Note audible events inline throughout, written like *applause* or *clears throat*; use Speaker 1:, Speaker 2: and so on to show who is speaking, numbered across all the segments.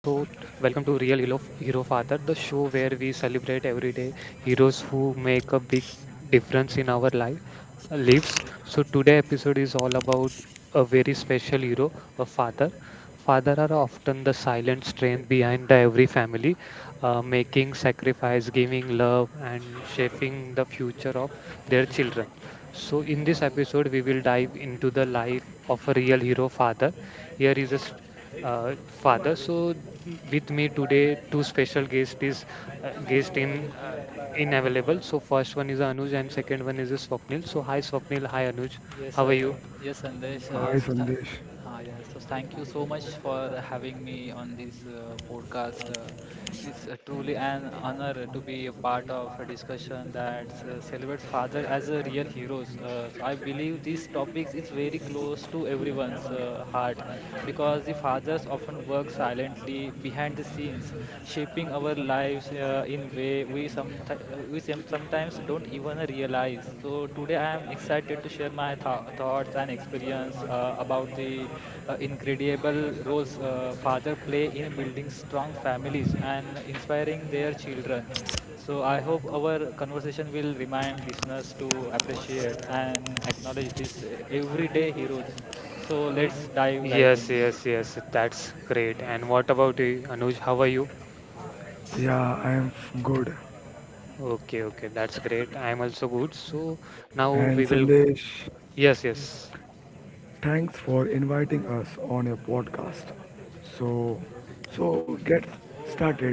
Speaker 1: Welcome to Real Hero Hero Father, the show where we celebrate everyday heroes who make a big difference in our life lives. So today episode is all about a very special hero, a father. Father are often the silent strength behind the every family, making sacrifice, giving love, and shaping the future of their children. So, in this episode, we will dive into the life of a real hero father. Here is a st- father. So, with me today, two special guest is guest in available. So, first one is Anuj, and second one is Swapnil. So, hi Swapnil, hi Anuj,
Speaker 2: Yes,
Speaker 1: how are
Speaker 2: I,
Speaker 1: you?
Speaker 2: yes, Sandesh.
Speaker 3: Hi Sandesh.
Speaker 2: Yes, so thank you so much for having me on this podcast. It's truly an honor to be a part of a discussion that celebrates father as a real heroes. So I believe these topics is very close to everyone's heart because the fathers often work silently behind the scenes, shaping our lives in way we sometimes don't even realize. So today I am excited to share my thoughts and experience about the incredible roles father play in building strong families and inspiring their children. So I hope our conversation will remind listeners to appreciate and acknowledge these everyday heroes. So
Speaker 1: Y-
Speaker 2: let's dive right
Speaker 1: Yes,
Speaker 2: in.
Speaker 1: yes, yes. That's great. And what about you, Anuj? How are you?
Speaker 3: Yeah, I am good.
Speaker 1: Okay, okay. That's great. I'm also good. So now
Speaker 3: And
Speaker 1: we will.
Speaker 3: Sandesh,
Speaker 1: Yes, yes.
Speaker 3: thanks for inviting us on your podcast. So, so get started.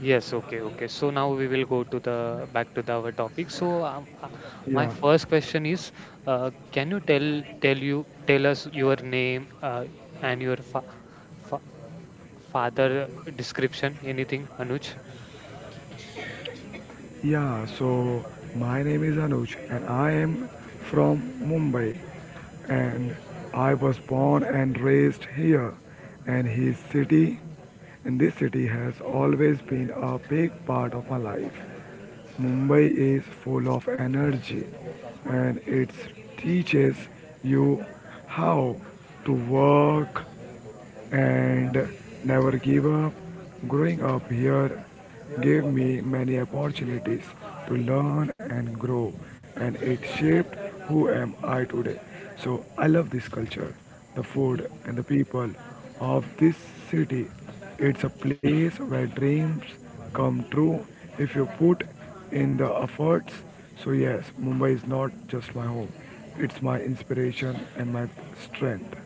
Speaker 1: Yes, okay, okay. So now we will go to the back to the, our topic. So my
Speaker 3: Yeah.
Speaker 1: first question is, can you tell us your name and your fa fa father description? Anything, Anuj?
Speaker 3: Yeah, so my name is Anuj and I am from Mumbai and I was born and raised here and his city and this city has always been a big part of my life. Mumbai is full of energy and it teaches you how to work, and never give up. Growing up here gave me many opportunities to learn and grow, and it shaped who am I today. So I love this culture, the
Speaker 1: Y-
Speaker 3: food, and the people of this city. It's a place where dreams come true if you put in the efforts. So yes, Mumbai is not just my home; it's my inspiration and my strength.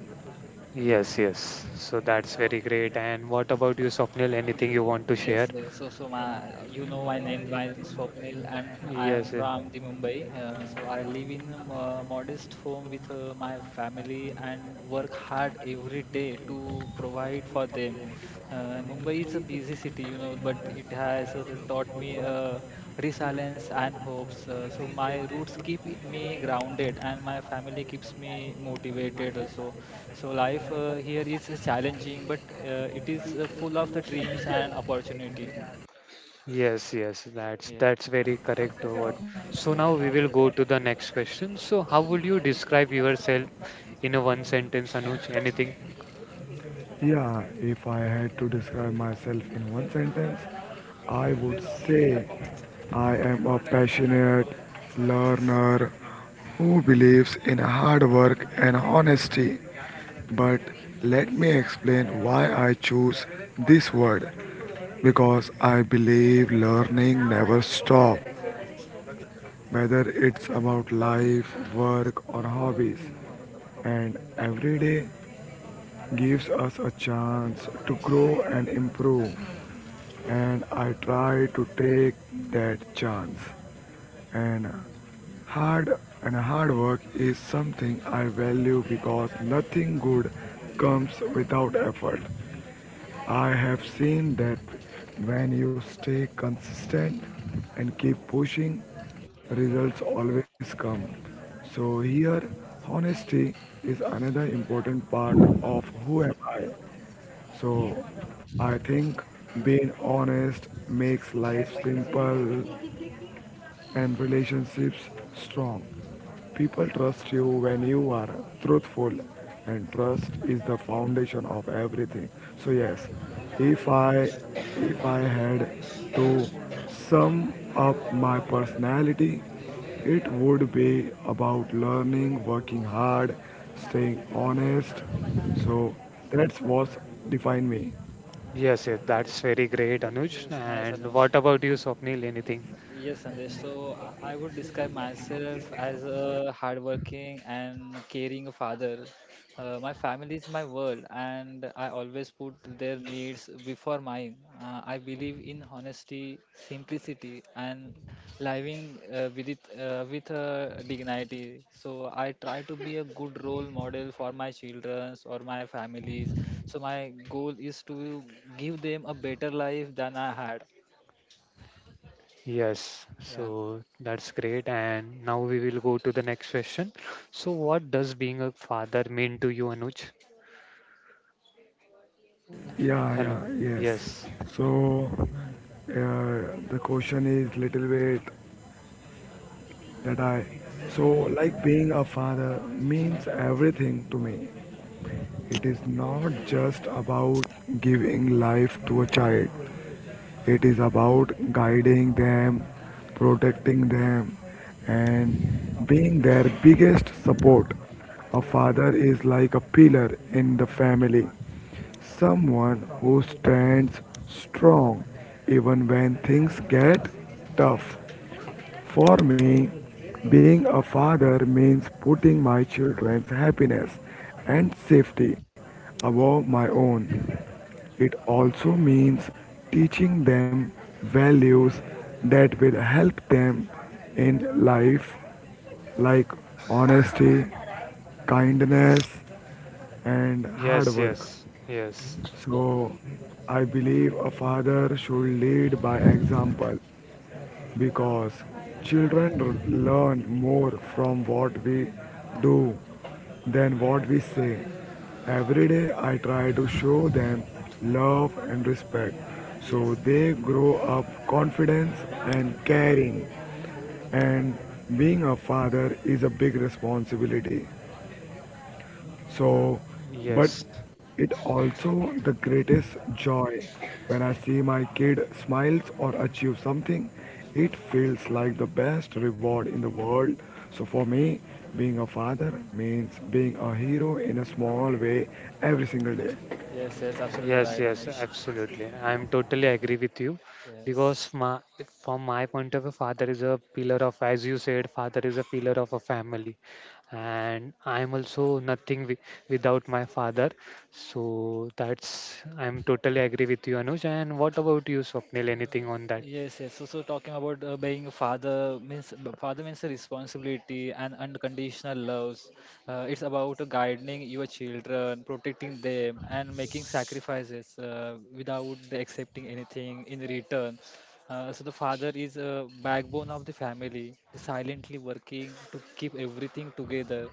Speaker 1: Yes, yes. So that's very great. And what about you, Swapnil? Anything you
Speaker 2: Ye-
Speaker 1: want to share?
Speaker 2: Yes, yes. So my, you know my name. My name is Swapnil, and I am
Speaker 1: Yes. Yeah.
Speaker 2: from the Mumbai. So I live in a modest home with my family and work hard every day to provide for them. Mumbai is a busy city, you know, but it has taught me resilience and hopes. So my roots keep me grounded, and my family keeps me motivated also. So life here is challenging, but it is full of the dreams and opportunity.
Speaker 1: Yes, yes, that's
Speaker 2: Yeah.
Speaker 1: that's very correct. What? So
Speaker 2: Yes.
Speaker 1: now we will go to the next question. So how would you describe yourself in a one sentence, Anuj? Anything?
Speaker 3: Yeah, if I had to describe myself in one sentence, I would say I am a passionate learner who believes in hard work and honesty. But let me explain why I choose this word because I believe learning never stops, whether it's about life, work, or hobbies. And every day gives us a chance to grow and improve. And I try to take that chance. And hard work is something I value because nothing good comes without effort. I have seen that when you stay consistent and keep pushing, results always come. So here honesty is another important part of who am I so I think being honest makes life simple and relationships strong. People trust you when you are truthful and trust is the foundation of everything. So yes, if I if I had to sum up my personality, it would be about learning, working hard, staying honest. So that's what define me.
Speaker 1: Yes, yes, that's very great, Anuj.
Speaker 2: Yes, nice,
Speaker 1: And
Speaker 2: Anuj.
Speaker 1: what about you, Swapnil?
Speaker 2: Eh,
Speaker 1: Anything?
Speaker 2: Yes, Sandesh. So I would describe myself as a hardworking and caring father. My family is my world, and I always put their needs before mine. I believe in honesty, simplicity, and living with dignity. So I try to be a good role model for my children or my families. So my goal is to give them a better life than I had.
Speaker 1: Yes,
Speaker 2: Yeah.
Speaker 1: so that's great. And now we will go to the next question. So what does being a father mean to you, Anuj? Hello.
Speaker 3: Yeah, yes.
Speaker 1: Yes.
Speaker 3: So the question is little bit that I so like being a father means everything to me. It is not just about giving life to a child. It is about guiding them, protecting them, and being their biggest support. A father is like a pillar in the family, someone who stands strong even when things get tough. For me, being a father means putting my children's happiness and safety above my own. It also means teaching them values that will help them in life, like honesty, kindness, and hard
Speaker 1: Yes,
Speaker 3: work.
Speaker 1: yes, yes,
Speaker 3: So, I believe a father should lead by example because children learn more from what we do than what we say. Every day I try to show them love and respect so
Speaker 2: Yes.
Speaker 3: they grow up confident and caring and being a father is a big responsibility. So, but
Speaker 1: yes.
Speaker 3: it also the greatest joy when I see my kid smiles or achieve something. It feels like the best reward in the world. So for me, being a father means being a hero in a small way every single day.
Speaker 2: Yes, yes, absolutely
Speaker 1: Yes,
Speaker 2: right,
Speaker 1: yes,
Speaker 2: Anuj.
Speaker 1: absolutely. I'm totally agree with you
Speaker 2: Yes.
Speaker 1: because from my point of view, father is a pillar of, as you said, father is a pillar of a family, and I'm also nothing wi without my father. So that's I'm totally agree with you, Anuj. And what about you, Swapnil? Anything on that?
Speaker 2: Yes, yes. So talking about being a father means a responsibility and unconditional loves. It's about guiding your children, protecting them, and making sacrifices without accepting anything in return. So the father is a backbone of the family, silently working to keep everything together.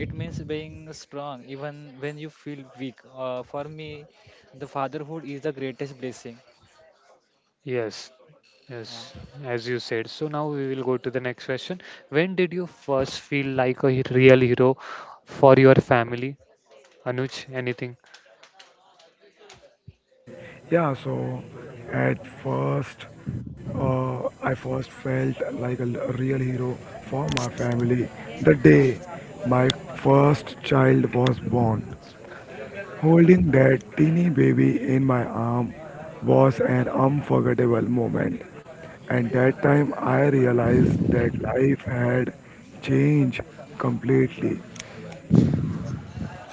Speaker 2: It means being strong even when you feel weak. For me, the fatherhood is the greatest blessing.
Speaker 1: Yes,
Speaker 2: Yeah.
Speaker 1: yes, as you said. So now we will go to the next question. When did you first feel like a real hero for your family, Anuj? Anything?
Speaker 3: Yeah. So, at first, I first felt like a real hero for my family the day my first child was born. Holding that teeny baby in my arm was an unforgettable moment. And that time I realized that life had changed completely.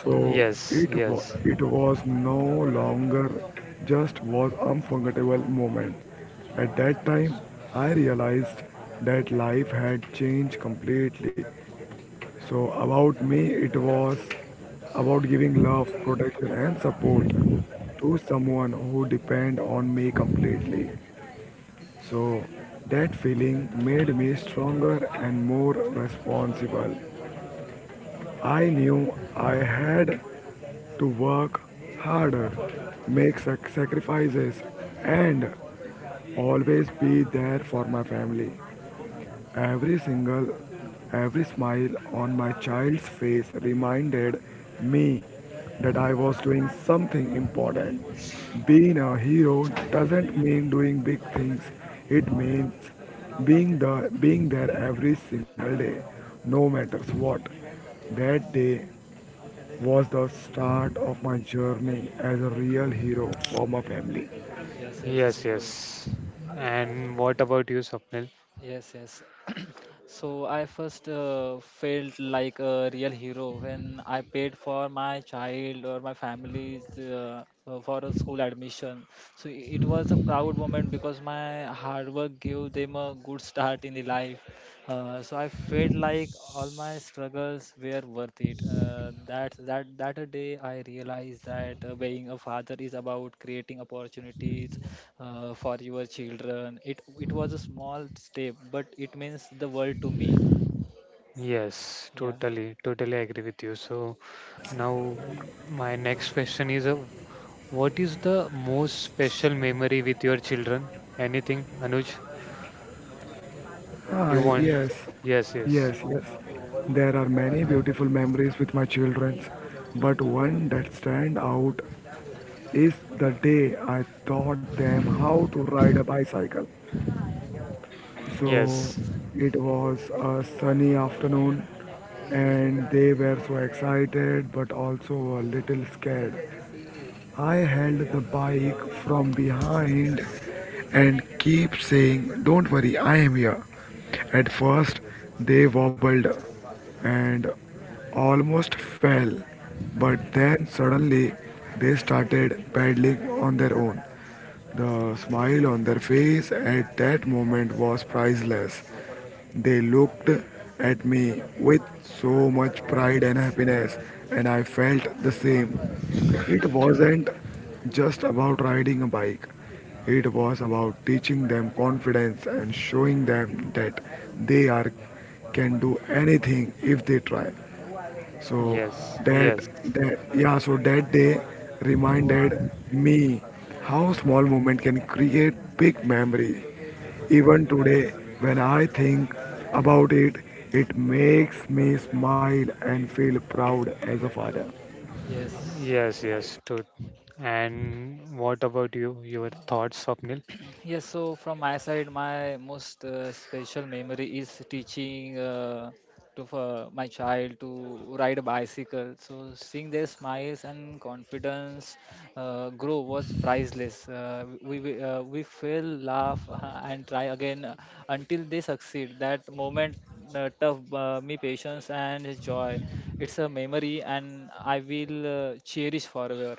Speaker 3: So
Speaker 1: Yes, yes,
Speaker 3: it was no longer just was unforgettable moment. At that time I realized that life had changed completely. So, about me, it was about giving love, protection, and support to someone who depend on me completely. So, that feeling made me stronger and more responsible. I knew I had to work harder, make sacrifices, and always be there for my family. Every single, every smile on my child's face reminded me that I was doing something important. Being a hero doesn't mean doing big things. It means being there every single day, no matters what. That day was the start of my journey as a real hero for my family.
Speaker 2: Yes, yes, it's
Speaker 1: yes, yes.
Speaker 2: true. It is
Speaker 1: And what about you, Swapnil?
Speaker 2: Yes, yes. *clears throat* So I first felt like a real hero when I paid for my child or my family's for a school admission. So it was a proud moment because my hard work gave them a good start in the life. So I felt like all my struggles were worth it. That a day I realized that being a father is about creating opportunities for your children. It was a small step, but it means the world to me.
Speaker 1: Yes,
Speaker 2: Yeah.
Speaker 1: totally, totally agree with you. So now my next question is, what is the most special memory with your children? Anything, Anuj,
Speaker 3: Ah,
Speaker 1: you want?
Speaker 3: yes,
Speaker 1: Yes, yes,
Speaker 3: yes. There are many beautiful memories with my children, but one that stand out is the day I taught them how to ride a bicycle.
Speaker 2: Yeah.
Speaker 3: So
Speaker 1: yes,
Speaker 3: it was a sunny afternoon and they were so excited but also a little scared. I held the bike from behind and keep saying, "Don't worry, I am here." At first, they wobbled and almost fell, but then suddenly they started paddling on their own. The smile on their face at that moment was priceless. They looked at me with so much pride and happiness, and I felt the same. It wasn't just about riding a bike, it was about teaching them confidence and showing them that they are, can do anything if they try. So
Speaker 1: yes,
Speaker 3: that
Speaker 1: yes,
Speaker 3: that day reminded me how small moment can create big memory. Even today, when I think about it, it makes me smile and feel proud as a father.
Speaker 2: Yes.
Speaker 1: yes, yes. And what about you? Your thoughts, Swapnil?
Speaker 2: Yes, so from my side, my most special memory is teaching to for my child to ride a bicycle. So seeing their smiles and confidence grow was priceless. We fail, laugh, *laughs* and try again until they succeed. That moment tough me patience and joy. It's a memory, and I will cherish forever.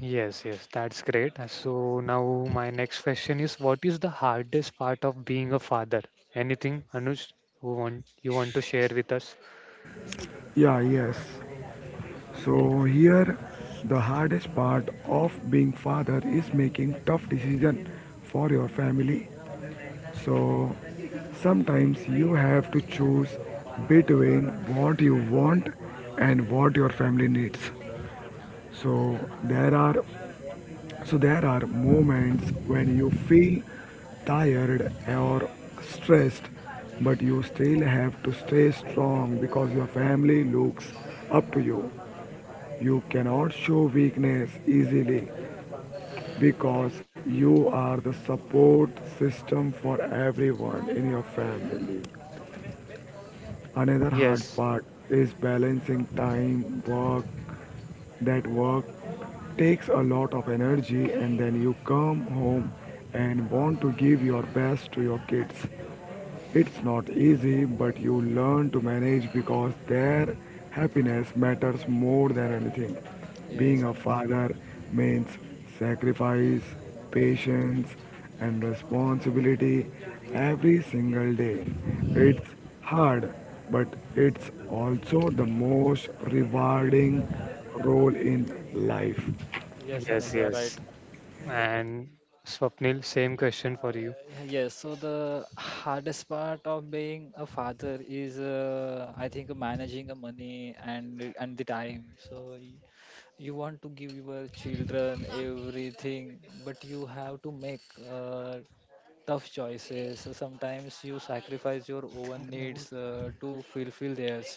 Speaker 1: Yes, yes, that's great. So now my next question is, what is the hardest part of being a father? Anything, Anuj, who want you want to share with us?
Speaker 3: Yeah, yes. So here, the hardest part of being father is making tough decision for your family. So sometimes you have to choose between what you want and what your family needs. So there are so there are moments when you feel tired or stressed but you still have to stay strong because your family looks up to you. You cannot show weakness easily because you are the support system for everyone in your family. Another hard
Speaker 1: Yes,
Speaker 3: part is balancing time, work. That work takes a lot of energy, and then you come home and want to give your best to your kids. It's not easy, but you learn to manage because their happiness matters more than anything.
Speaker 2: Yes,
Speaker 3: Being a
Speaker 2: Anuj.
Speaker 3: father means sacrifice, patience, and responsibility every single day. It's hard, but it's also the most rewarding role in life.
Speaker 2: Yes, Anuj,
Speaker 1: yes,
Speaker 2: you are right.
Speaker 1: yes. And Swapnil, same question for you.
Speaker 2: Yes, so the hardest part of being a father is, I think, managing the money and the time. So you want to give your children everything, but you have to make uh, tough choices. So sometimes you sacrifice your own needs to fulfill theirs.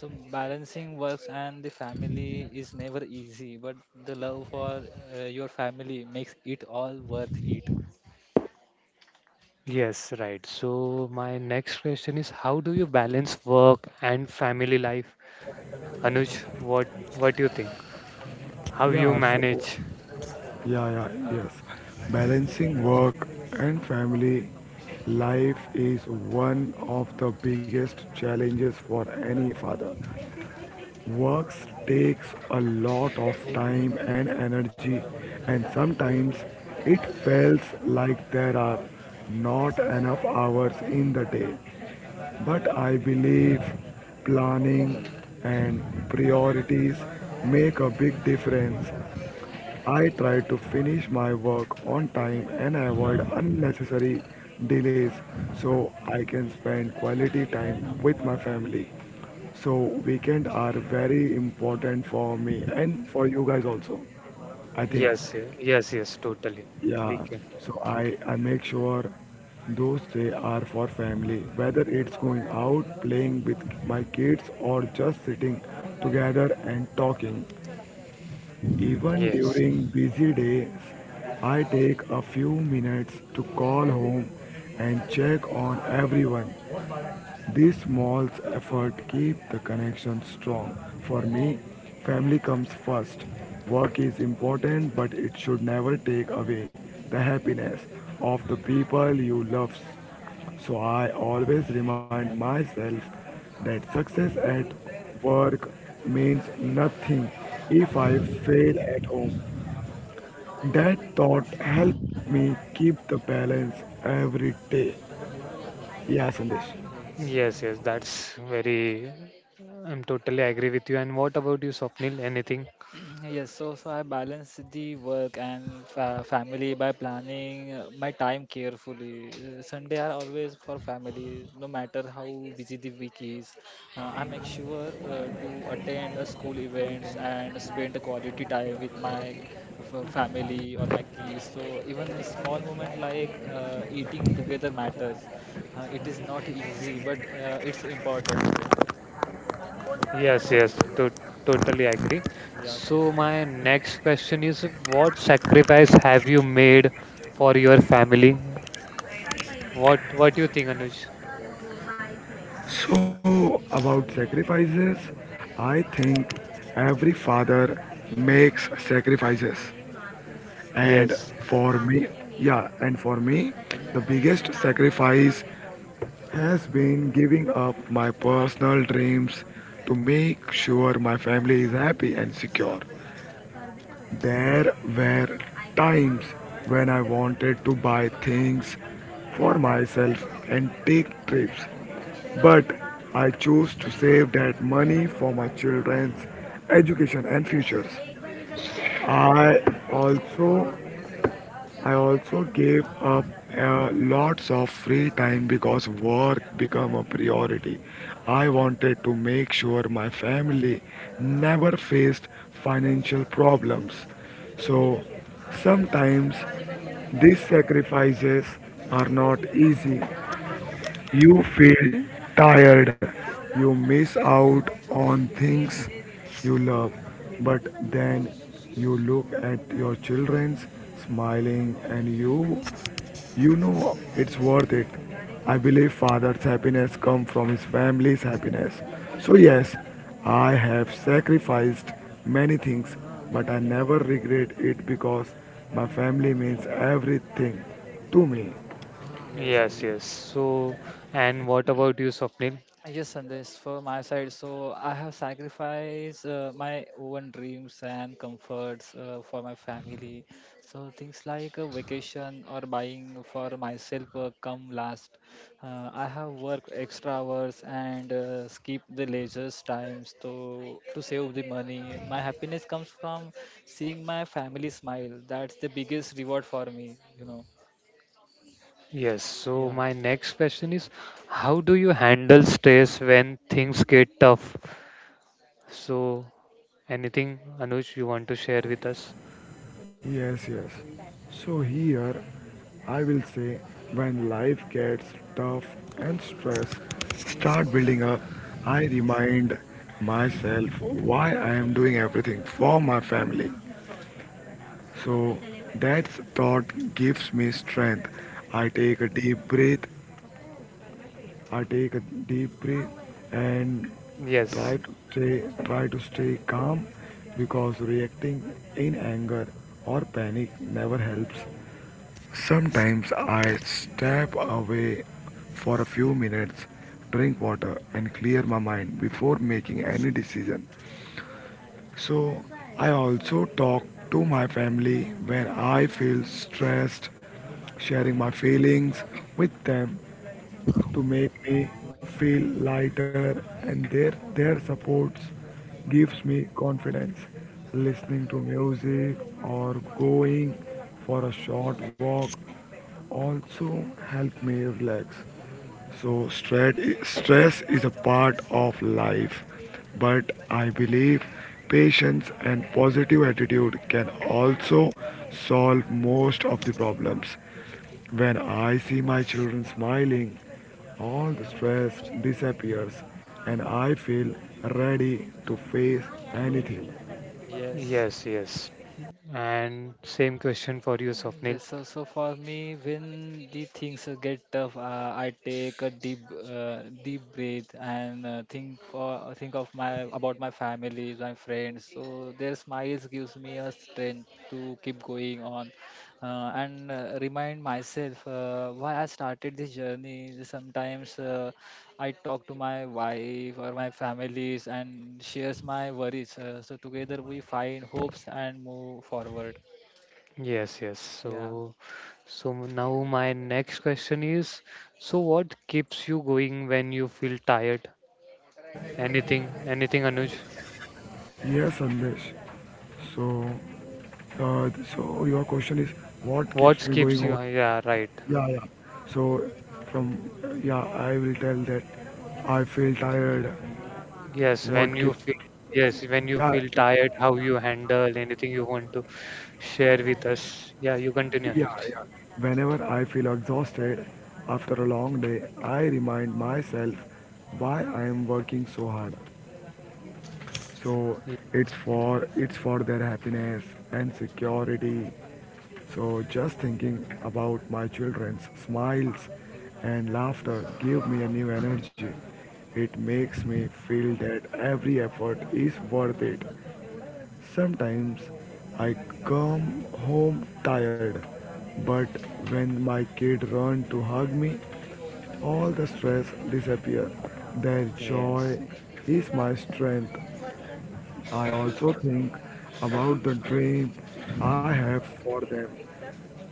Speaker 2: So balancing works and the family is never easy, but the love for your family makes it all worth it.
Speaker 1: Yes, right. So my next question is, how do you balance work and family life? Anuj, what do you think? How you
Speaker 3: Yeah, so
Speaker 1: manage?
Speaker 3: Yeah, yeah, yes. Balancing work and family life is one of the biggest challenges for any father. Work takes a lot of time and energy, and sometimes it feels like there are not enough hours in the day. But I believe planning and priorities make a big difference. I try to finish my work on time and avoid unnecessary delays so I can spend quality time with my family. So weekend are very important for me and for you guys also. I think
Speaker 1: Yes, yes, yes, yes, totally. We
Speaker 3: yeah.
Speaker 1: can.
Speaker 3: So I make sure those day are for family whether it's going out playing with my kids or just sitting together and talking even
Speaker 1: Yes.
Speaker 3: during busy days, I take a few minutes to call home and check on everyone. These small efforts keep the connection strong. For
Speaker 2: Yeah.
Speaker 3: me, family comes first. Work is important, but it should never take away the happiness of the people you love. So I always remind myself that success at work means nothing if I fail at home. That thought helped me keep the balance every day. Yeah, Sandesh.
Speaker 2: Yes.
Speaker 1: Yes, yes, that's very. I'm totally agree with you. And what about you, Swapnil? Anything?
Speaker 2: Yes, so so I balance the work and fa family by planning my time carefully. Sunday are always for family, no matter how busy the week is. I make sure to attend school events and spend the quality time with my family or my kids. So even a small moment like eating together matters. It is not easy, but it's important.
Speaker 1: Yes, yes, to totally agree.
Speaker 2: Yeah,
Speaker 1: So
Speaker 2: Sandesh.
Speaker 1: my next question is, what sacrifice have you made for your family? What do you think, Anuj?
Speaker 3: So, about sacrifices, I think every father makes sacrifices. And
Speaker 1: Yes,
Speaker 3: for me, yeah, and for me, the biggest sacrifice has been giving up my personal dreams to make sure my family is happy and secure. There were times when I wanted to buy things for myself and take trips but I choose to save that money for my children's education and futures. I also I also gave up lots of free time because work became a priority. I wanted to make sure my family never faced financial problems. So sometimes these sacrifices are not easy you feel tired. You miss out on things you love. But then you look at your children's smiling and you know it's worth it. I believe father's happiness comes from his family's happiness. So yes, I have sacrificed many things, but I never regret it because my family means everything to me.
Speaker 2: Yes,
Speaker 1: yes, yes.
Speaker 2: Sandesh.
Speaker 1: So, and what about you, Swapnil?
Speaker 2: Yes, Sandesh, for my side, so I have sacrificed my own dreams and comforts for my family. So things like a vacation or buying for myself come last. I have worked extra hours and skip the leisure times to save the money. My happiness comes from seeing my family smile. That's the biggest reward for me, you know.
Speaker 1: Yes. So
Speaker 2: Yeah.
Speaker 1: my next question is, how do you handle stress when things get tough? So, anything, Anuj, you want to share with us?
Speaker 3: Yes, yes. So here I will say when life gets tough and stress start building up, I remind myself why I am doing everything for my family. So that thought gives me strength. I
Speaker 1: Meeting
Speaker 3: take a
Speaker 1: people.
Speaker 3: deep breath. I take a deep breath and
Speaker 1: Yes.
Speaker 3: try to stay calm because reacting in anger or panic never helps. Sometimes I step away for a few minutes, drink water, and clear my mind before making any decision. So, I also talk to my family when I feel stressed, sharing my feelings with them to make me feel lighter, and their support gives me confidence. Listening to music or going for a short walk also help me relax. So stress is a part of life, but I believe patience and positive attitude can also solve most of the problems. When I see my children smiling, all the stress disappears
Speaker 1: Mm,
Speaker 3: and I feel ready to face anything.
Speaker 2: Yes.
Speaker 1: yes, yes. And same question for you, Swapnil.
Speaker 2: Yes, so so for me, when the things get tough, I take a deep breath and think of my about my family, my friends. So their smiles gives me a strength to keep going on, and remind myself why I started this journey. Sometimes I talk to my wife or my families and shares my worries. So together we find hopes and move forward.
Speaker 1: Yes, yes.
Speaker 2: Yeah.
Speaker 1: So now my next question is, so what keeps you going when you feel tired? Anything, Anuj?
Speaker 3: Yes, Sandesh. So, so your question is what keeps
Speaker 1: What
Speaker 3: me
Speaker 1: keeps
Speaker 3: going on?
Speaker 1: you? Yeah, right.
Speaker 3: Yeah. So, from yeah, I will tell that I feel tired.
Speaker 1: Yes, when
Speaker 3: What
Speaker 1: you
Speaker 3: gives?
Speaker 1: feel, yes, when you
Speaker 3: Yeah,
Speaker 1: feel tired, how you handle anything you want to share with us? Yeah, you continue, Anuj.
Speaker 3: yeah. Whenever I feel exhausted after a long day, I remind myself why I am working so hard. So it's for their happiness and security. So just thinking about my children's smiles and laughter give me a new energy. It makes me feel that every effort is worth it. Sometimes I come home tired, but when my kid run to hug me, all the stress disappears. Their
Speaker 1: Yes.
Speaker 3: joy is my strength. I also think about the dream I have for them,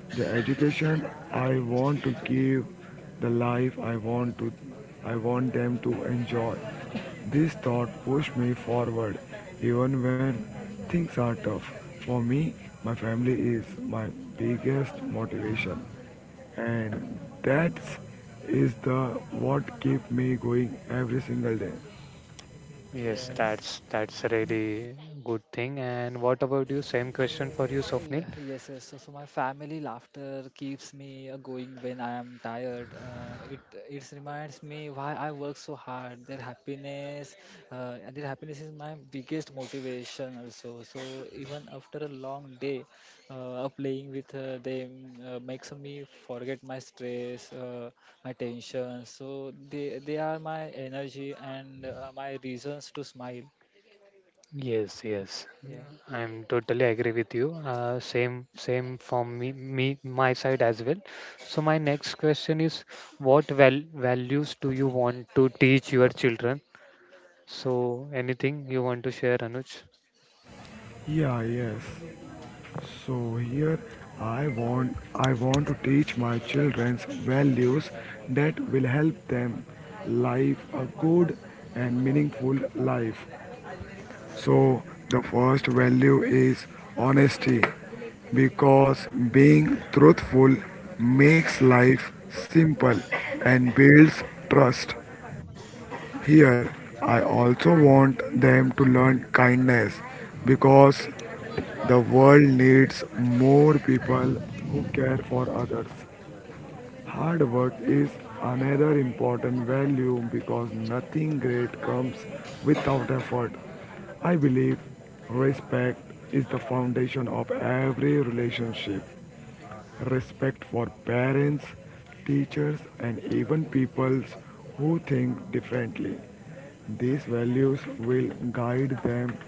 Speaker 3: the education I want to give, the life I want to I want them to enjoy. This thought pushed me forward even when things are tough. For me, my family is my biggest motivation, and that is the what keeps me going every single day.
Speaker 1: Yes,
Speaker 2: Yes.
Speaker 1: that's a really good thing. And what about you? Same question for you, Swapnil.
Speaker 2: Yeah, yes, yes. So my family laughter keeps me going when I am tired. It it reminds me why I work so hard. And their happiness is my biggest motivation also. So even after a long day, of playing with them makes me forget my stress, my tension. So they are my energy and my reasons to smile.
Speaker 1: Yes, yes,
Speaker 2: Yeah.
Speaker 1: I'm totally agree with you. Same, from me, my side as well. So my next question is, what values do you want to teach your children? So anything you want to share, Anuj?
Speaker 3: Yeah, yes. So here I want I want to teach my children values that will help them live a good and meaningful life. So the first value is honesty because being truthful makes life simple and builds trust. Here, I also want them to learn kindness because the world needs more people who care for others. Hard work is another important value because nothing great comes without effort. I believe respect is the foundation of every relationship: respect for parents, teachers, and even people who think differently. These values will guide them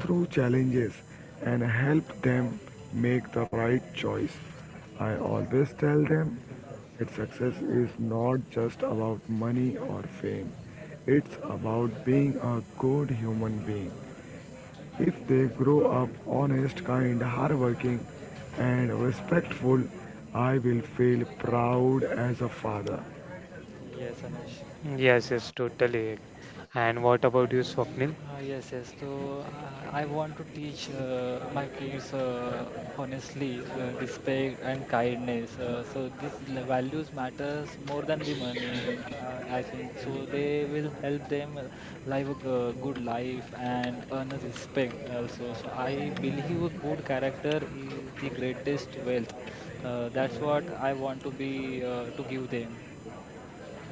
Speaker 3: through challenges and help them make the right choice. I always tell them that success is not just about money or fame, it's about being a good human being. If they grow up honest, kind, hardworking, and respectful, I will feel proud as a father.
Speaker 2: Yes, Anush.
Speaker 1: Yes, yes, totally agree. And what about you, Swapnil?
Speaker 2: Yes, yes. So I want to teach my kids honestly, respect and kindness. So these values matters more than the money, I think. So they will help them live a good life and earn a respect also. So I believe a good character is the greatest wealth. That's what I want to be to give them.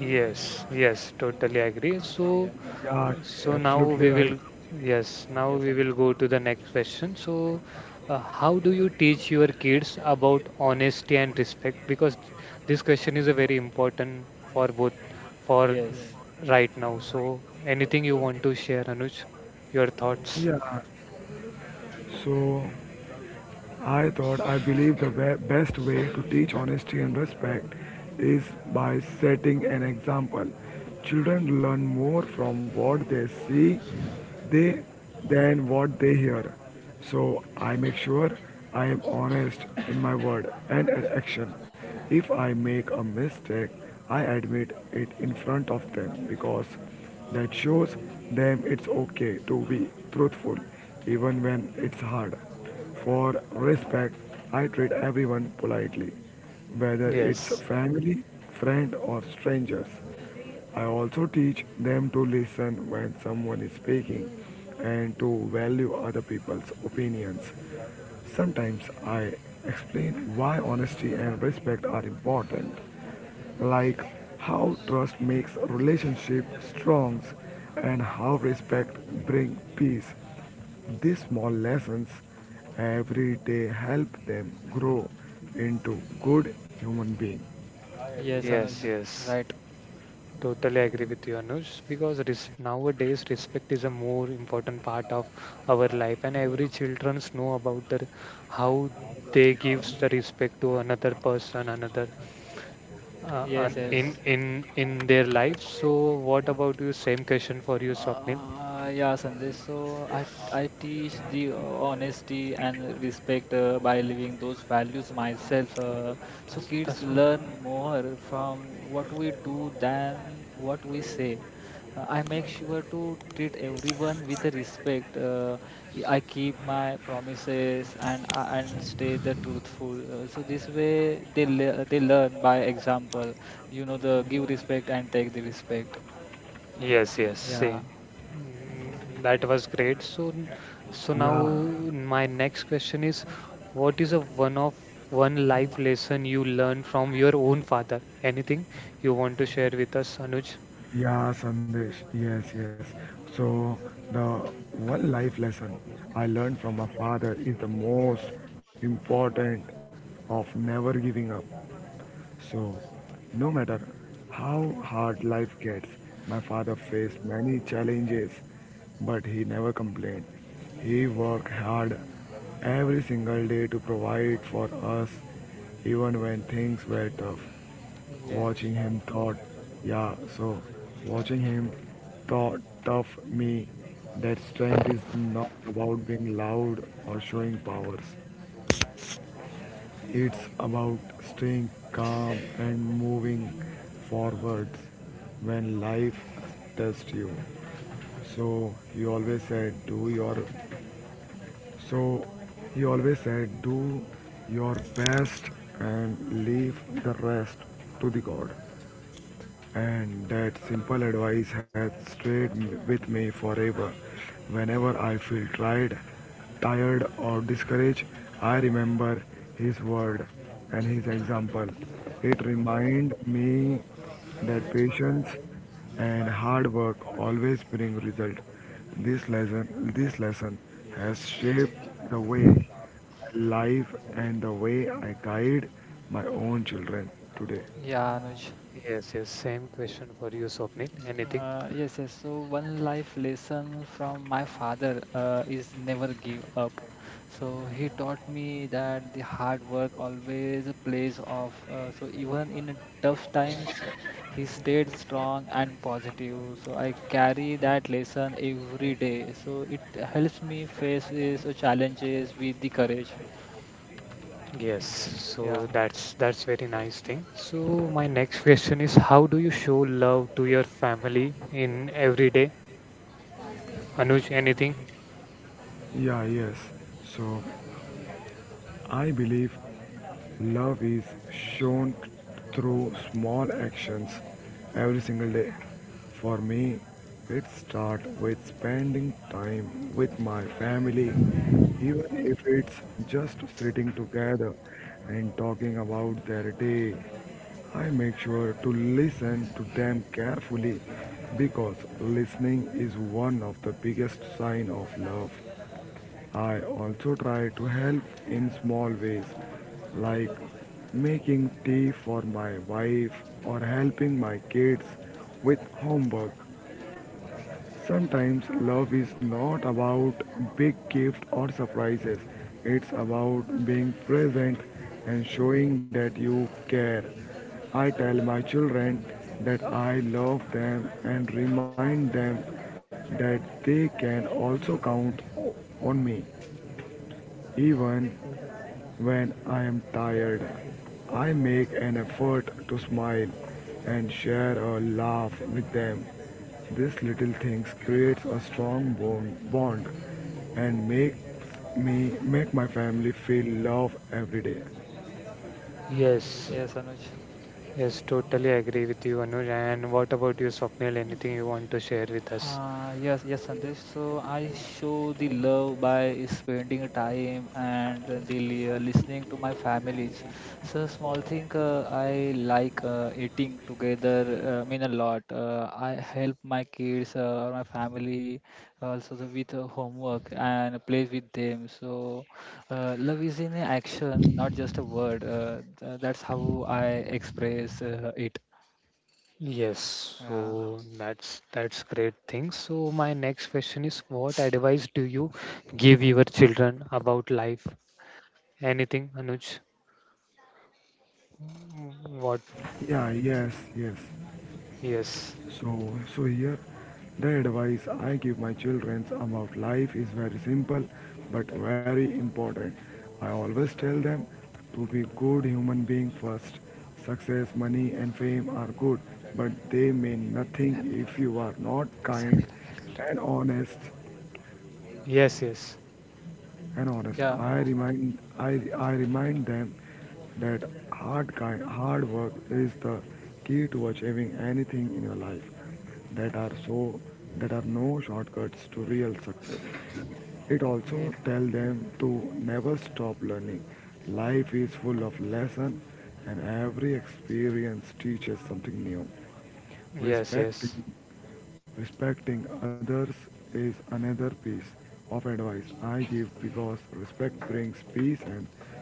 Speaker 1: Yes, yes, totally agree.
Speaker 2: Yeah.
Speaker 1: So
Speaker 3: Yeah,
Speaker 1: So now
Speaker 3: absolutely
Speaker 1: we
Speaker 3: right.
Speaker 1: will, yes, now
Speaker 2: Yes,
Speaker 1: we will
Speaker 2: Anuj.
Speaker 1: go to the next question. So, how do you teach your kids about honesty and respect? Because this question is a very important for
Speaker 2: Uh,
Speaker 1: both for
Speaker 2: Yes.
Speaker 1: right now. So, anything you want to share, Anuj, your thoughts?
Speaker 3: Yeah, so I believe the best way to teach honesty and respect is by setting an example. Children learn more from what they see they than what they hear. So I make sure I am honest in my word and action. If I make a mistake, I admit it in front of them because that shows them it's okay to be truthful even when it's hard. For respect, I treat everyone politely, whether it's
Speaker 1: Yes,
Speaker 3: family, friend, or strangers. I also teach them to listen when someone is speaking and to value other people's opinions. Sometimes I explain why honesty and respect are important, like how trust makes relationship strong and how respect bring peace. These small lessons every day help them grow into good human being.
Speaker 2: Yes,
Speaker 1: yes,
Speaker 2: Anuj.
Speaker 1: yes.
Speaker 2: Right.
Speaker 1: Totally agree with you, Anush, because nowadays respect is a more important part of our life, and every childrens know about the how they gives the respect to another person, another uh, an-
Speaker 2: Yes,
Speaker 1: in
Speaker 2: yes.
Speaker 1: in in their life. So, what about you? Same question for you, Swapnil.
Speaker 2: Yeah, Sandesh. So I teach the honesty and respect by living those values myself. So kids
Speaker 1: That's me.
Speaker 2: learn more from what we do than what we say. I make sure to treat everyone with respect. I keep my promises and stay the truthful. So this way they learn by example. You know, the give respect and take the respect.
Speaker 1: Yes, yes,
Speaker 2: Yeah,
Speaker 1: same. Mm, that was great. So, so now
Speaker 3: Yeah,
Speaker 1: my next question is, what is a one life lesson you learned from your own father? Anything you want to share with us, Anuj?
Speaker 3: Yeah, Sandesh. Yes, yes. So, the one life lesson I learned from my father is the most important of never giving up. So, no matter how hard life gets, my father faced many challenges, but he never complained. He worked hard every single day to provide for us, even when things were tough.
Speaker 2: yeah,
Speaker 3: Watching him thought, yeah, so Watching him thought tough me that strength is not about being loud or showing powers. It's about staying calm and moving forwards when life tests you. So he always said, do your. So he always said, do your best and leave the rest to the God, and that simple advice has with me forever. Whenever I feel tired or discouraged, I remember his word and his example. It reminds me that patience and hard work always bring result. This lesson has shaped the way I live and the way I guide my own children today.
Speaker 2: yeah, Anuj.
Speaker 1: Yes, yes, same question for you, Swapnil. Anything?
Speaker 2: Yes, yes. So one life lesson from my father is never give up. So he taught me that the hard work always pays off. So even in tough times, he stayed strong and positive. So I carry that lesson every day. So it helps me face challenges with the courage.
Speaker 1: Yes, so
Speaker 2: Yeah.
Speaker 1: that's very nice thing. So my next question is, how do you show love to your family in every day? Anuj, anything?
Speaker 3: Yeah, yes. So I believe love is shown through small actions every single day. For me, it starts with spending time with my family, even if it's just sitting together and talking about their day. I make sure to listen to them carefully because listening is one of the biggest sign of love. I also try to help in small ways, like making tea for my wife or helping my kids with homework. Sometimes love is not about big gifts or surprises, it's about being present and showing that you care. I tell my children that I love them and remind them that they can also count on me. Even when I am tired, I make an effort to smile and share a laugh with them. These little things creates a strong bond and make my family feel love every day.
Speaker 1: Yes.
Speaker 2: Yes, Anuj.
Speaker 1: Yes, totally agree with you, Anuj. And what about you, Swapnil? Anything you want to share with us?
Speaker 2: Yes, yes, Sandesh. So I show the love by spending time and listening to my families. So small thing, I like eating together. Mean a lot. I help my kids or my family also the, with homework and play with them. So love is in action, not just a word. That's how I express it.
Speaker 1: Yes,
Speaker 2: Yeah.
Speaker 1: so that's great thing. So my next question is, what advice do you give your children about life? Anything, Anuj? What?
Speaker 3: Yeah, yes, yes.
Speaker 1: Yes,
Speaker 3: So here, the advice I give my children about life is very simple but very important. I always tell them to be good human being first. Success, money and fame are good, but they mean nothing if you are not
Speaker 1: yes,
Speaker 3: kind and
Speaker 1: yes,
Speaker 3: honest.
Speaker 2: Yeah.
Speaker 3: I remind them that hard work is the key to achieving anything in your life. That are so that are no shortcuts to real success. It
Speaker 1: Ye-
Speaker 3: also tells them to never stop learning. Life is full of lessons and every experience teaches something new.
Speaker 1: yes,
Speaker 3: Respecting,
Speaker 1: yes,
Speaker 3: respecting others is another piece of advice I give because respect brings peace and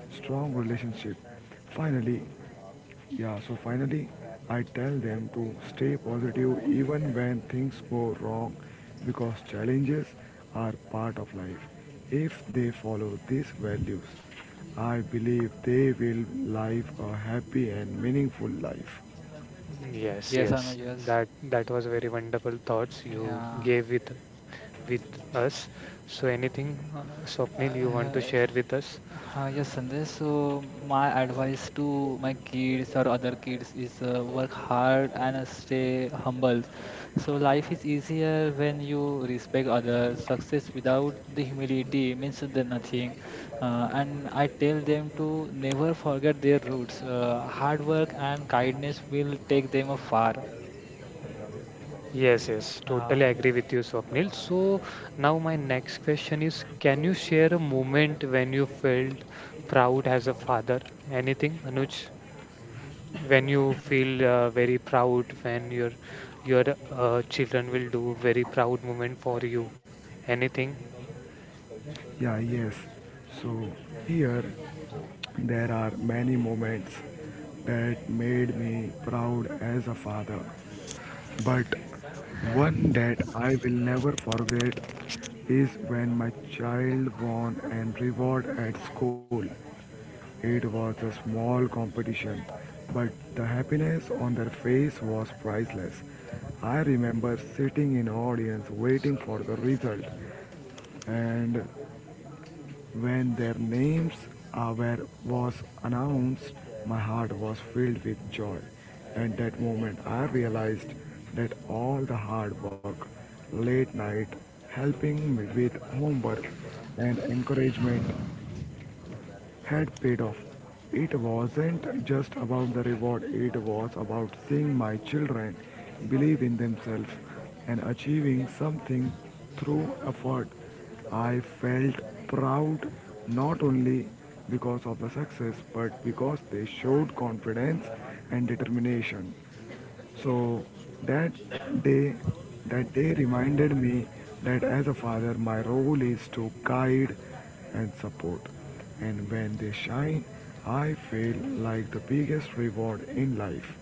Speaker 3: strong relationship. Finally, yeah, so Finally, I tell them to stay positive even when things go wrong because challenges are part of life. If they follow these values, I believe they will live a happy and meaningful life.
Speaker 1: yes,
Speaker 2: Yes, I know.
Speaker 1: yes.
Speaker 2: Yes.
Speaker 1: That that was very wonderful thoughts you
Speaker 2: Yeah.
Speaker 1: gave with us. So, anything, Swapnil, you want to
Speaker 2: Uh,
Speaker 1: share with us?
Speaker 2: yes, Sandesh. So my advice to my kids or other kids is work hard and stay humble. So life is easier when you respect others. Success without the humility means the nothing. And I tell them to never forget their roots. Hard work and
Speaker 1: Thank you.
Speaker 2: kindness will take them far.
Speaker 1: Yes, yes,
Speaker 2: Uh,
Speaker 1: totally agree with you, Swapnil. So, now my next question is, can you share a moment when you felt proud as a father? Anything, Anuj? When you feel very proud, when your children will do very proud moment for you. Anything?
Speaker 3: Yeah, yes. So here there are many moments that made me proud as a father. But one that I will never forget is when my child won an reward at school. It was a small competition, but the happiness on their face was priceless. I remember sitting in audience waiting for the result, and when their names were was announced, my heart was filled with joy. At that moment, I realized that all the hard work, late night, helping me with homework, and encouragement had paid off. It wasn't just about the reward, it was about seeing my children believe in themselves and achieving something through effort. I felt proud not only because of the success but because they showed confidence and determination. So that day, that day reminded me that as a father, my role is to guide and support. And when they shine, I feel like the biggest reward in life.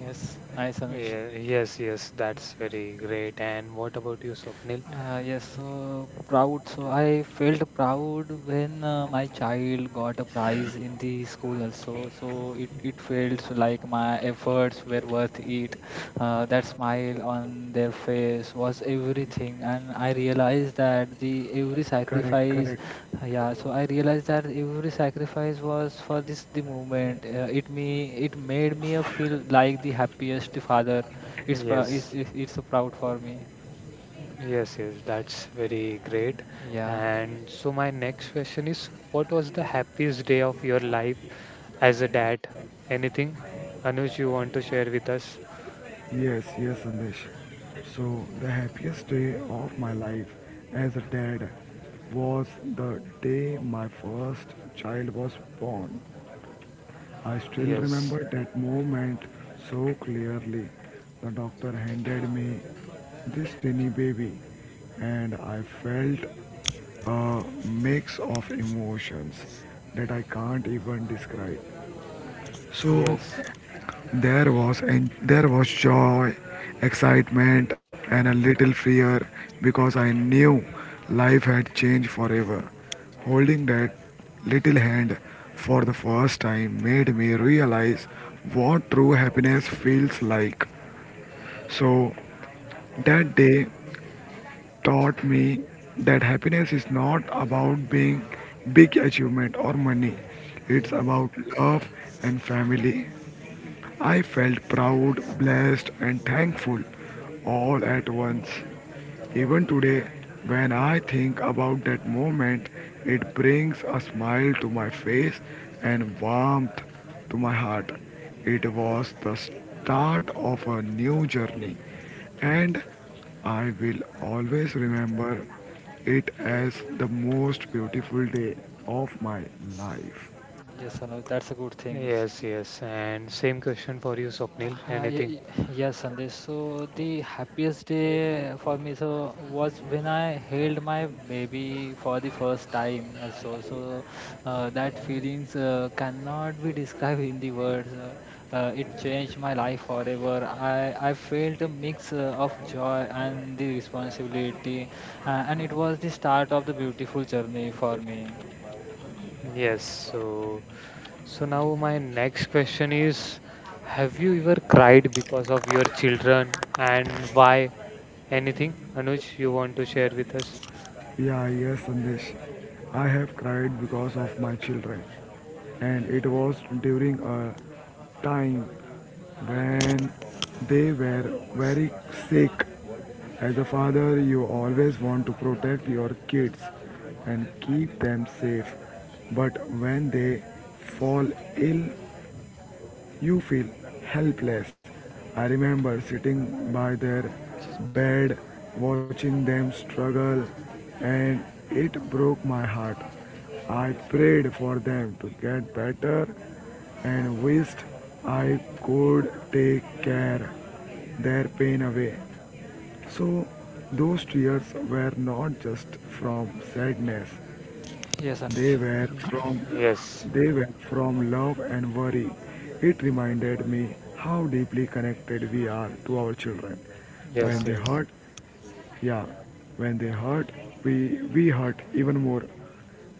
Speaker 2: yes, nice, Anuj.
Speaker 1: Yeah, yes, yes, that's very great. And what about you, Swapnil?
Speaker 2: Yes, so proud. So I felt proud when my child got a prize in the school also. So it felt like my efforts were worth it. That smile on their face was everything. And I realized that the every
Speaker 3: Correct,
Speaker 2: sacrifice,
Speaker 3: correct.
Speaker 2: yeah, so I realized that every sacrifice was for this the moment. It made me feel like the happiest father. It's, prou- it's,
Speaker 1: Yes.
Speaker 2: it's it's proud for me.
Speaker 1: Yes, yes, that's very great.
Speaker 2: Yeah.
Speaker 1: And so my next question is, what was the happiest day of your life as a dad? Anything, Anuj, you want to share with us?
Speaker 3: Yes, yes, Sandesh. So the happiest day of my life as a dad was the day my first child was born. I still
Speaker 1: Yes,
Speaker 3: remember that moment so clearly. The doctor handed me this tiny baby, and I felt a mix of emotions that I can't even describe. So
Speaker 1: yes,
Speaker 3: there was joy, excitement and a little fear because I knew life had changed forever. Holding that little hand for the first time made me realize what true happiness feels like. So that day taught me that happiness is not about being big achievement or money. It's
Speaker 2: Yeah,
Speaker 3: about love and family. I felt proud, blessed, and thankful all at once. Even today, when I think about that moment, it brings a smile to my face and warmth to my heart. It was the start of a new journey, and I will always remember it as the most beautiful day of my life.
Speaker 2: yes, Anuj, that's a good thing.
Speaker 1: yes, yes. And same question for you, Swapnil. Anything?
Speaker 2: Yes, Sandesh. So the happiest day for me so was when I held my baby for the first time also. So that feelings cannot be described in the words. It changed my life forever. I felt a mix of joy and the responsibility, and it was the start of the beautiful journey for me.
Speaker 1: Yes. So, so now my next question is, have you ever cried because of your children and why? Anything, Anuj, you want to share with us?
Speaker 3: Yeah, yes, Sandesh. I have cried because of my children, and it was during a time when they were very sick. As a father, you always want to protect your kids and keep them safe, but when they fall ill you feel helpless. I remember sitting by their bed, watching them struggle, and it broke my heart. I prayed for them to get better and wished I could take care their pain away. So those tears were not just from sadness,
Speaker 2: Yes,
Speaker 3: they
Speaker 2: Anuj.
Speaker 3: were from
Speaker 1: Yes.
Speaker 3: they were from love and worry. It reminded me how deeply connected we are to our children. When
Speaker 1: Yes,
Speaker 2: Yeah.
Speaker 3: they
Speaker 1: yes.
Speaker 3: hurt, yeah, when they hurt, we hurt even more.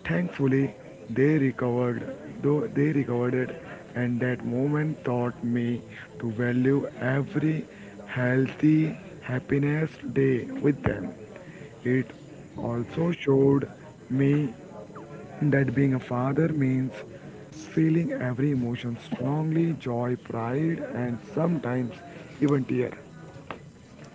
Speaker 3: Thankfully, they recovered, they recovered it, and that moment taught me to value every healthy happiness day with them. It also showed me that being a father means feeling every emotion strongly, joy, pride and sometimes even tear.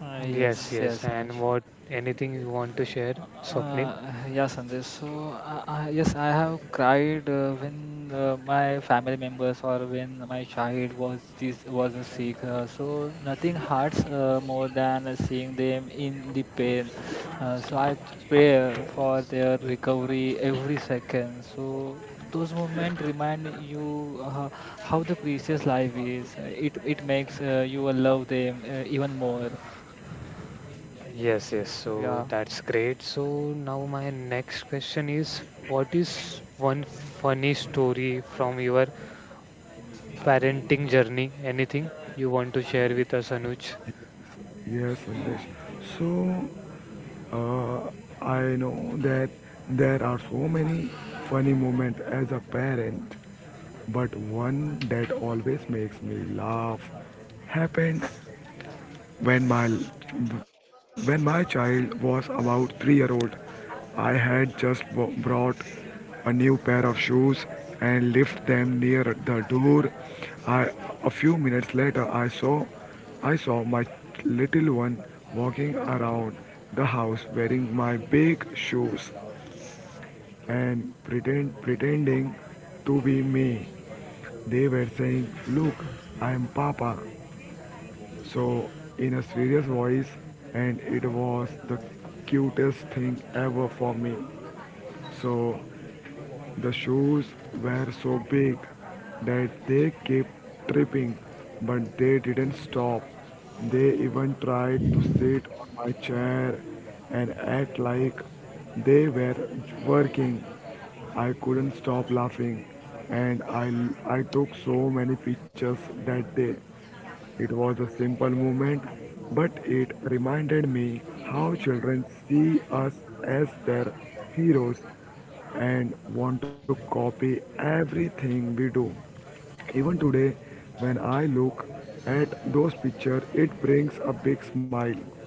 Speaker 1: Yes,
Speaker 2: Yes,
Speaker 1: yes.
Speaker 2: yes,
Speaker 1: And
Speaker 2: Anuj.
Speaker 1: what anything you want to share, Swapnil?
Speaker 2: Yeah, Sandesh. Yes, I have cried when my family members or when my child was sick. So nothing hurts more than seeing them in the pain.
Speaker 1: Yes,
Speaker 2: So I
Speaker 1: Just-
Speaker 2: pray for their recovery every second. So those moments remind you how the precious life is. It makes you love them even more.
Speaker 1: yes. Yes. So
Speaker 2: Yeah.
Speaker 1: that's great. So now my next question is, what is one funny story from your parenting journey? Anything you want to share with us, Anuj?
Speaker 3: Yes, Sandesh. So uh, I know that there are so many funny moments as a parent but one that always makes me laugh happened when my child was about 3-year-old year old. I had just brought a new pair of shoes and left them near the door. I, a few minutes later I saw my little one walking around the house wearing my big shoes and pretending to be me. They were saying, "Look, I am Papa." So, in a serious voice, and it was the cutest thing ever for me. So, the shoes were so big that they kept tripping, but they didn't stop. They even tried to sit on my chair and act like they were working. I couldn't stop laughing, and I took so many pictures that day. It was a simple movement, but it reminded me how children see us as their heroes and want to copy everything we do. Even today, when I look at those pictures, it brings a big smile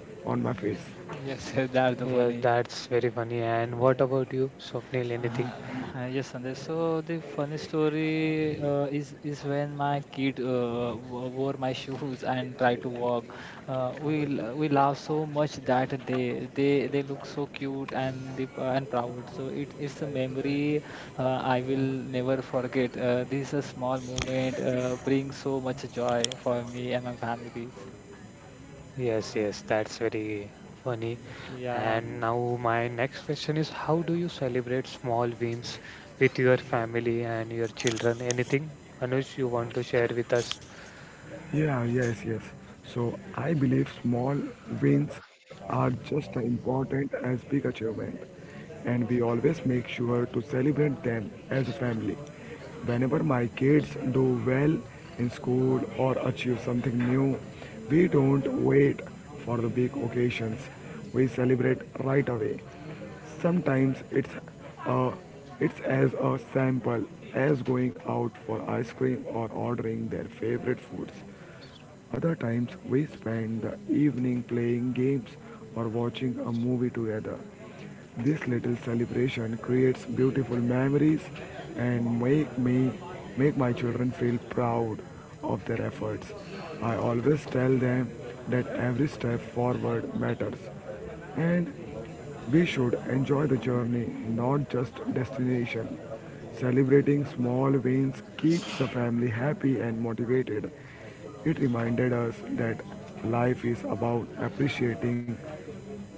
Speaker 3: on my face.
Speaker 2: Yes, *laughs* that's the
Speaker 1: Yes,
Speaker 2: funny.
Speaker 1: that's very funny. And what
Speaker 2: Yeah.
Speaker 1: about you, Swapnil? Anything?
Speaker 2: Uh-huh. Yes, Sandesh. So the funny story is when my kid wore my *laughs* shoes and tried to walk. We laughed so much that day. They look so cute and the, and proud. So it's a memory I will never forget. This is a small moment brings so much joy for me and my families.
Speaker 1: Yes, yes, that's very funny.
Speaker 2: Yeah.
Speaker 1: And now my next question is, how do you celebrate small wins with your family and your children? Anything, Anuj, you want to share with us?
Speaker 3: Yeah, yes, yes. So I believe small wins are just as important as big achievement, and we always make sure to celebrate them as a family. Whenever my kids do well in school or achieve something new, we don't wait for the big occasions. We celebrate right away. Sometimes uh, it's as a sample as going out for ice cream or ordering their favorite foods. Other times we spend the evening playing games or watching a movie together. This little celebration creates beautiful memories and make my children feel proud of their efforts. I always tell them that every step forward matters and we should enjoy the journey, not just destination. Celebrating small wins keeps the family happy and motivated. It reminded us that life is about appreciating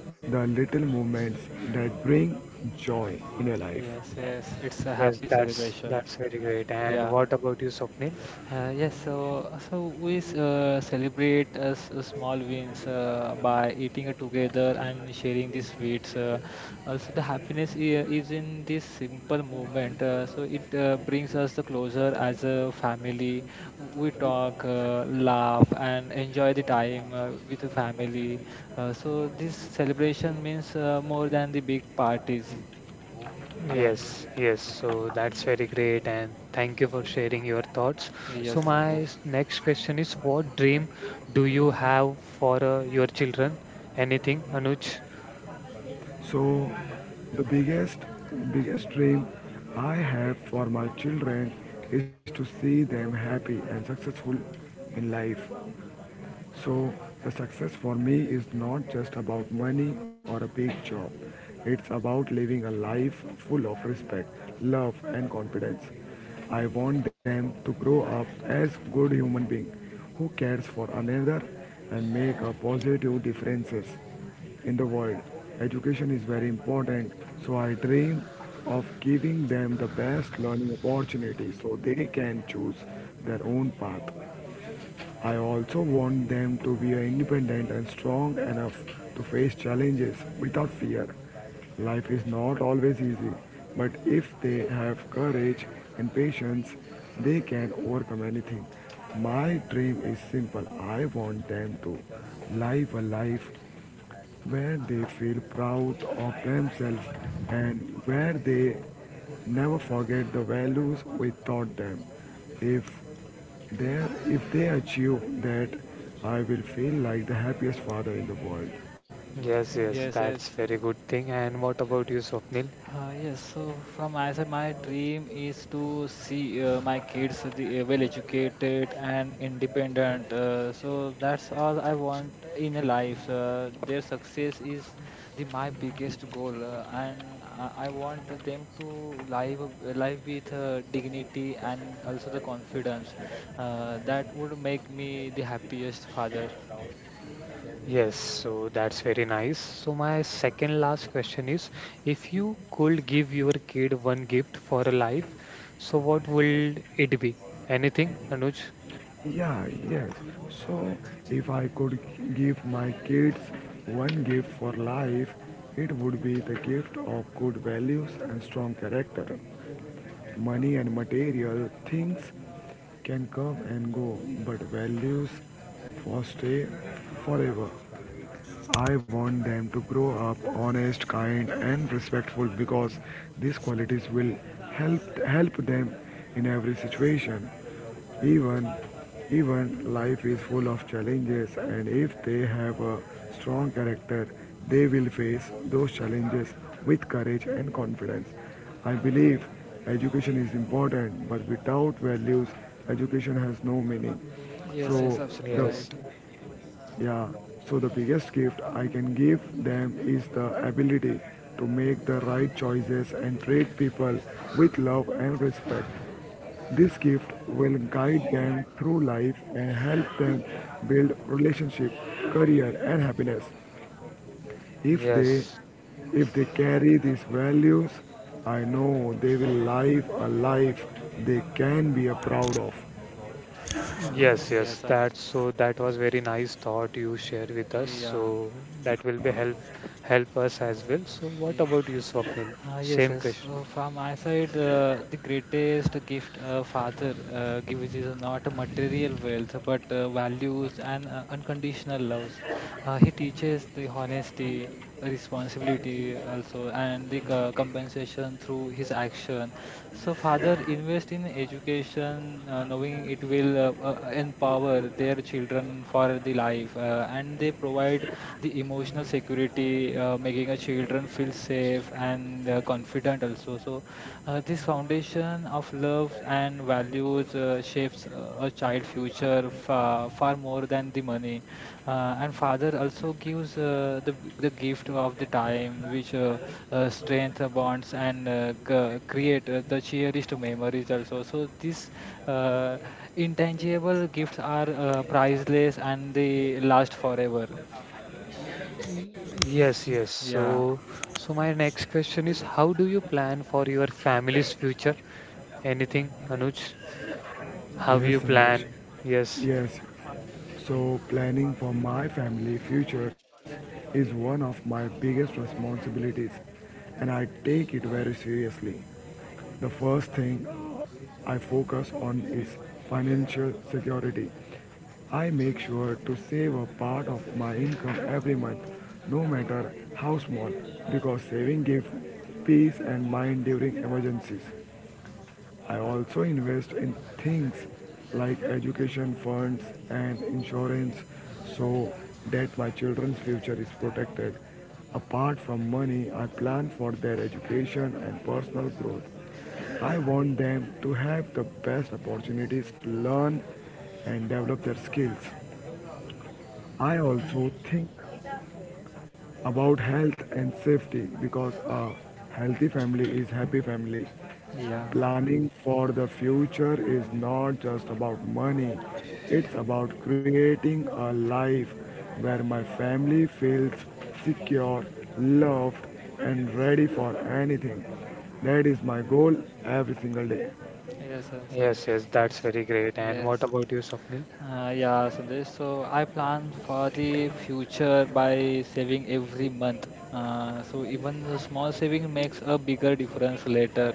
Speaker 3: the little moments that bring joy in your life.
Speaker 2: Yes. Yes. It's a
Speaker 1: Yes,
Speaker 2: happy
Speaker 1: that's
Speaker 2: celebration.
Speaker 1: that's very great. And
Speaker 2: Yeah.
Speaker 1: what about you, Swapnil?
Speaker 2: Yes, so celebrate small wins by eating together and sharing the sweets. The happiness is in this simple moment. So it brings us the closer as a family. We talk, laugh, and enjoy the time with the family. So this celebration means more than the big parties. Yeah.
Speaker 1: Yes, yes. So that's very great, and thank you for sharing your thoughts.
Speaker 2: Yes,
Speaker 1: So my
Speaker 2: Sandesh.
Speaker 1: next question is, what dream do you have for your children? Anything, Anuj?
Speaker 3: So, the biggest dream I have for my children is to see them happy and successful in life. So, the success for me is not just about money or a big job. It's about living a life full of respect, love, and confidence. I want them to grow up as good human beings who cares for another and make a positive differences in the world. Education is very important, so I dream of giving them the best learning opportunity so they can choose their own path. I also want them to be independent and strong enough to face challenges without fear. Life is not always easy, but if they have courage and patience, they can overcome anything. My dream is simple. I want them to live a life where they feel proud of themselves and where they never forget the values we taught them. If they if they achieve that, I will feel like the happiest father in the world.
Speaker 1: Yes, yes,
Speaker 2: Yes,
Speaker 1: that's
Speaker 2: yes.
Speaker 1: very good thing. And what about you, Swapnil?
Speaker 2: Yes, so from my side, my dream is to see my kids well educated and independent. So that's all I want in a
Speaker 1: Okay.
Speaker 2: life. Their success is the my biggest goal, and I want them to live with dignity and also the confidence. That would make me the happiest father.
Speaker 1: Yes, so that's very nice. So my second last question is, if you could give your kid one gift for a life, so what will it be? Anything, Anuj?
Speaker 3: Yeah, yes. So if I could give my kids one gift for life, it would be the gift of good values and strong character. Money and material things can come and go, but values for stay forever. I want them to grow up honest, kind, and respectful because these qualities will help them in every situation. Even, even life is full of challenges, and if they have a strong character, they will face those challenges with courage and confidence. I believe education is important, but without values, education has no meaning.
Speaker 2: Yes,
Speaker 3: So
Speaker 2: yes, absolutely
Speaker 3: the
Speaker 1: Yes,
Speaker 2: right.
Speaker 3: yeah, so the biggest gift I can give them is the ability to make the right choices and treat people with love and respect. This gift will guide them through life and help them build relationship, career and happiness. If they
Speaker 1: yes,
Speaker 3: if they carry these values, I know they will live a life they can be proud of.
Speaker 1: yes, yes.
Speaker 2: Yes, Anuj.
Speaker 1: That so that was very nice thought you shared with us.
Speaker 2: Yeah.
Speaker 1: So that will be help us as well. So what
Speaker 2: Yeah.
Speaker 1: about you, Swapnil?
Speaker 2: Ah, yes,
Speaker 1: Same
Speaker 2: yes.
Speaker 1: question.
Speaker 2: So from my side, the greatest gift a father gives is not a material wealth, but values and unconditional loves. He teaches the honesty, responsibility also, and the compensation through his action. So, father, invest in education, knowing it will empower their children for the life, and they provide the emotional security, making a children feel safe and confident also. So, this foundation of love and values shapes a child future far, far more than the money and father also gives uh, the gift of the time which strength bonds and create the cherished memories also. So these uh, intangible gifts are priceless and they last forever.
Speaker 1: Yes, yes.
Speaker 2: Yeah.
Speaker 1: So my next question is, how do you plan for your family's future? Anything, Anuj? How
Speaker 3: Yes,
Speaker 1: you
Speaker 3: Sandesh.
Speaker 1: plan? Yes,
Speaker 3: Yes, so planning for my family futures is one of my biggest responsibilities and I take it very seriously. The first thing I focus on is financial security. I make sure to save a part of my income every month, no matter how small, because saving gives peace and mind during emergencies. I also invest in things like education funds and insurance so that my children's future is protected. Apart from money, I plan for their education and personal growth. I want them to have the best opportunities to learn and develop their skills. I also think about health and safety because a healthy family is happy family.
Speaker 2: Yeah.
Speaker 3: Planning for the future is not just about money. It's about creating a life where my family feels secure, loved and ready for anything. That is my goal every single day.
Speaker 2: Yes. Yes.
Speaker 1: yes,
Speaker 2: Yes,
Speaker 1: yes.
Speaker 2: yes.
Speaker 1: That's very great. And
Speaker 2: Yes.
Speaker 1: what about you, Swapnil?
Speaker 2: Yeah, Sandesh. So I plan for the future by saving every month. So even the small saving makes a bigger difference later,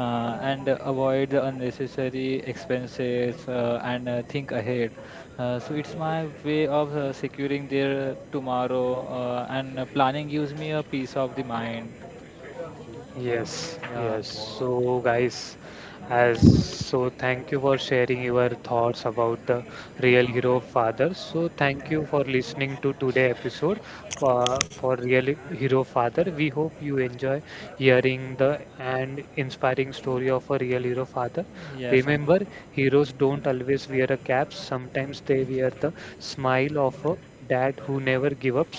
Speaker 2: and avoid the unnecessary expenses and think ahead. So it's my way of securing their tomorrow, and planning gives me a peace of the mind.
Speaker 1: Yes,
Speaker 2: Yeah.
Speaker 1: yes. So, guys, thank you for sharing your thoughts about the real hero fathers. So, thank you for listening to today episode for real hero father. We hope you enjoy hearing the and inspiring story of a real hero father.
Speaker 2: Yes. An-
Speaker 1: Remember, heroes don't always wear a cap. Sometimes they wear the smile of a dad who never gives up.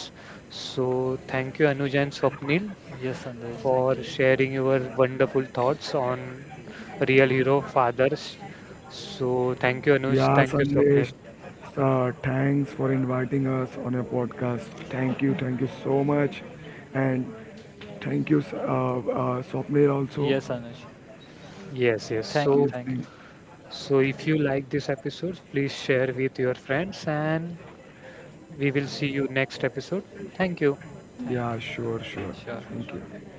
Speaker 1: So, thank you, Anuj and Swapnil
Speaker 2: Yes, Sandesh. Thank
Speaker 1: for
Speaker 2: you.
Speaker 1: sharing your wonderful thoughts on real hero fathers. So thank you, Anush.
Speaker 3: Yeah,
Speaker 1: Thank you,
Speaker 3: Sandesh,
Speaker 1: Swapnil.
Speaker 3: thanks for inviting us on your podcast. Thank you so much. And thank you, Swapnil, also
Speaker 2: Yes, Anuj.
Speaker 1: Yes, yes.
Speaker 3: for
Speaker 2: Thank you.
Speaker 1: So
Speaker 2: Thank you.
Speaker 3: listening.
Speaker 1: so if you like this episode, please share with your friends and we will see you next episode. Thank you.
Speaker 2: Thank
Speaker 3: Yeah,
Speaker 2: you.
Speaker 3: sure, sure.
Speaker 2: Sure.
Speaker 3: Thank you.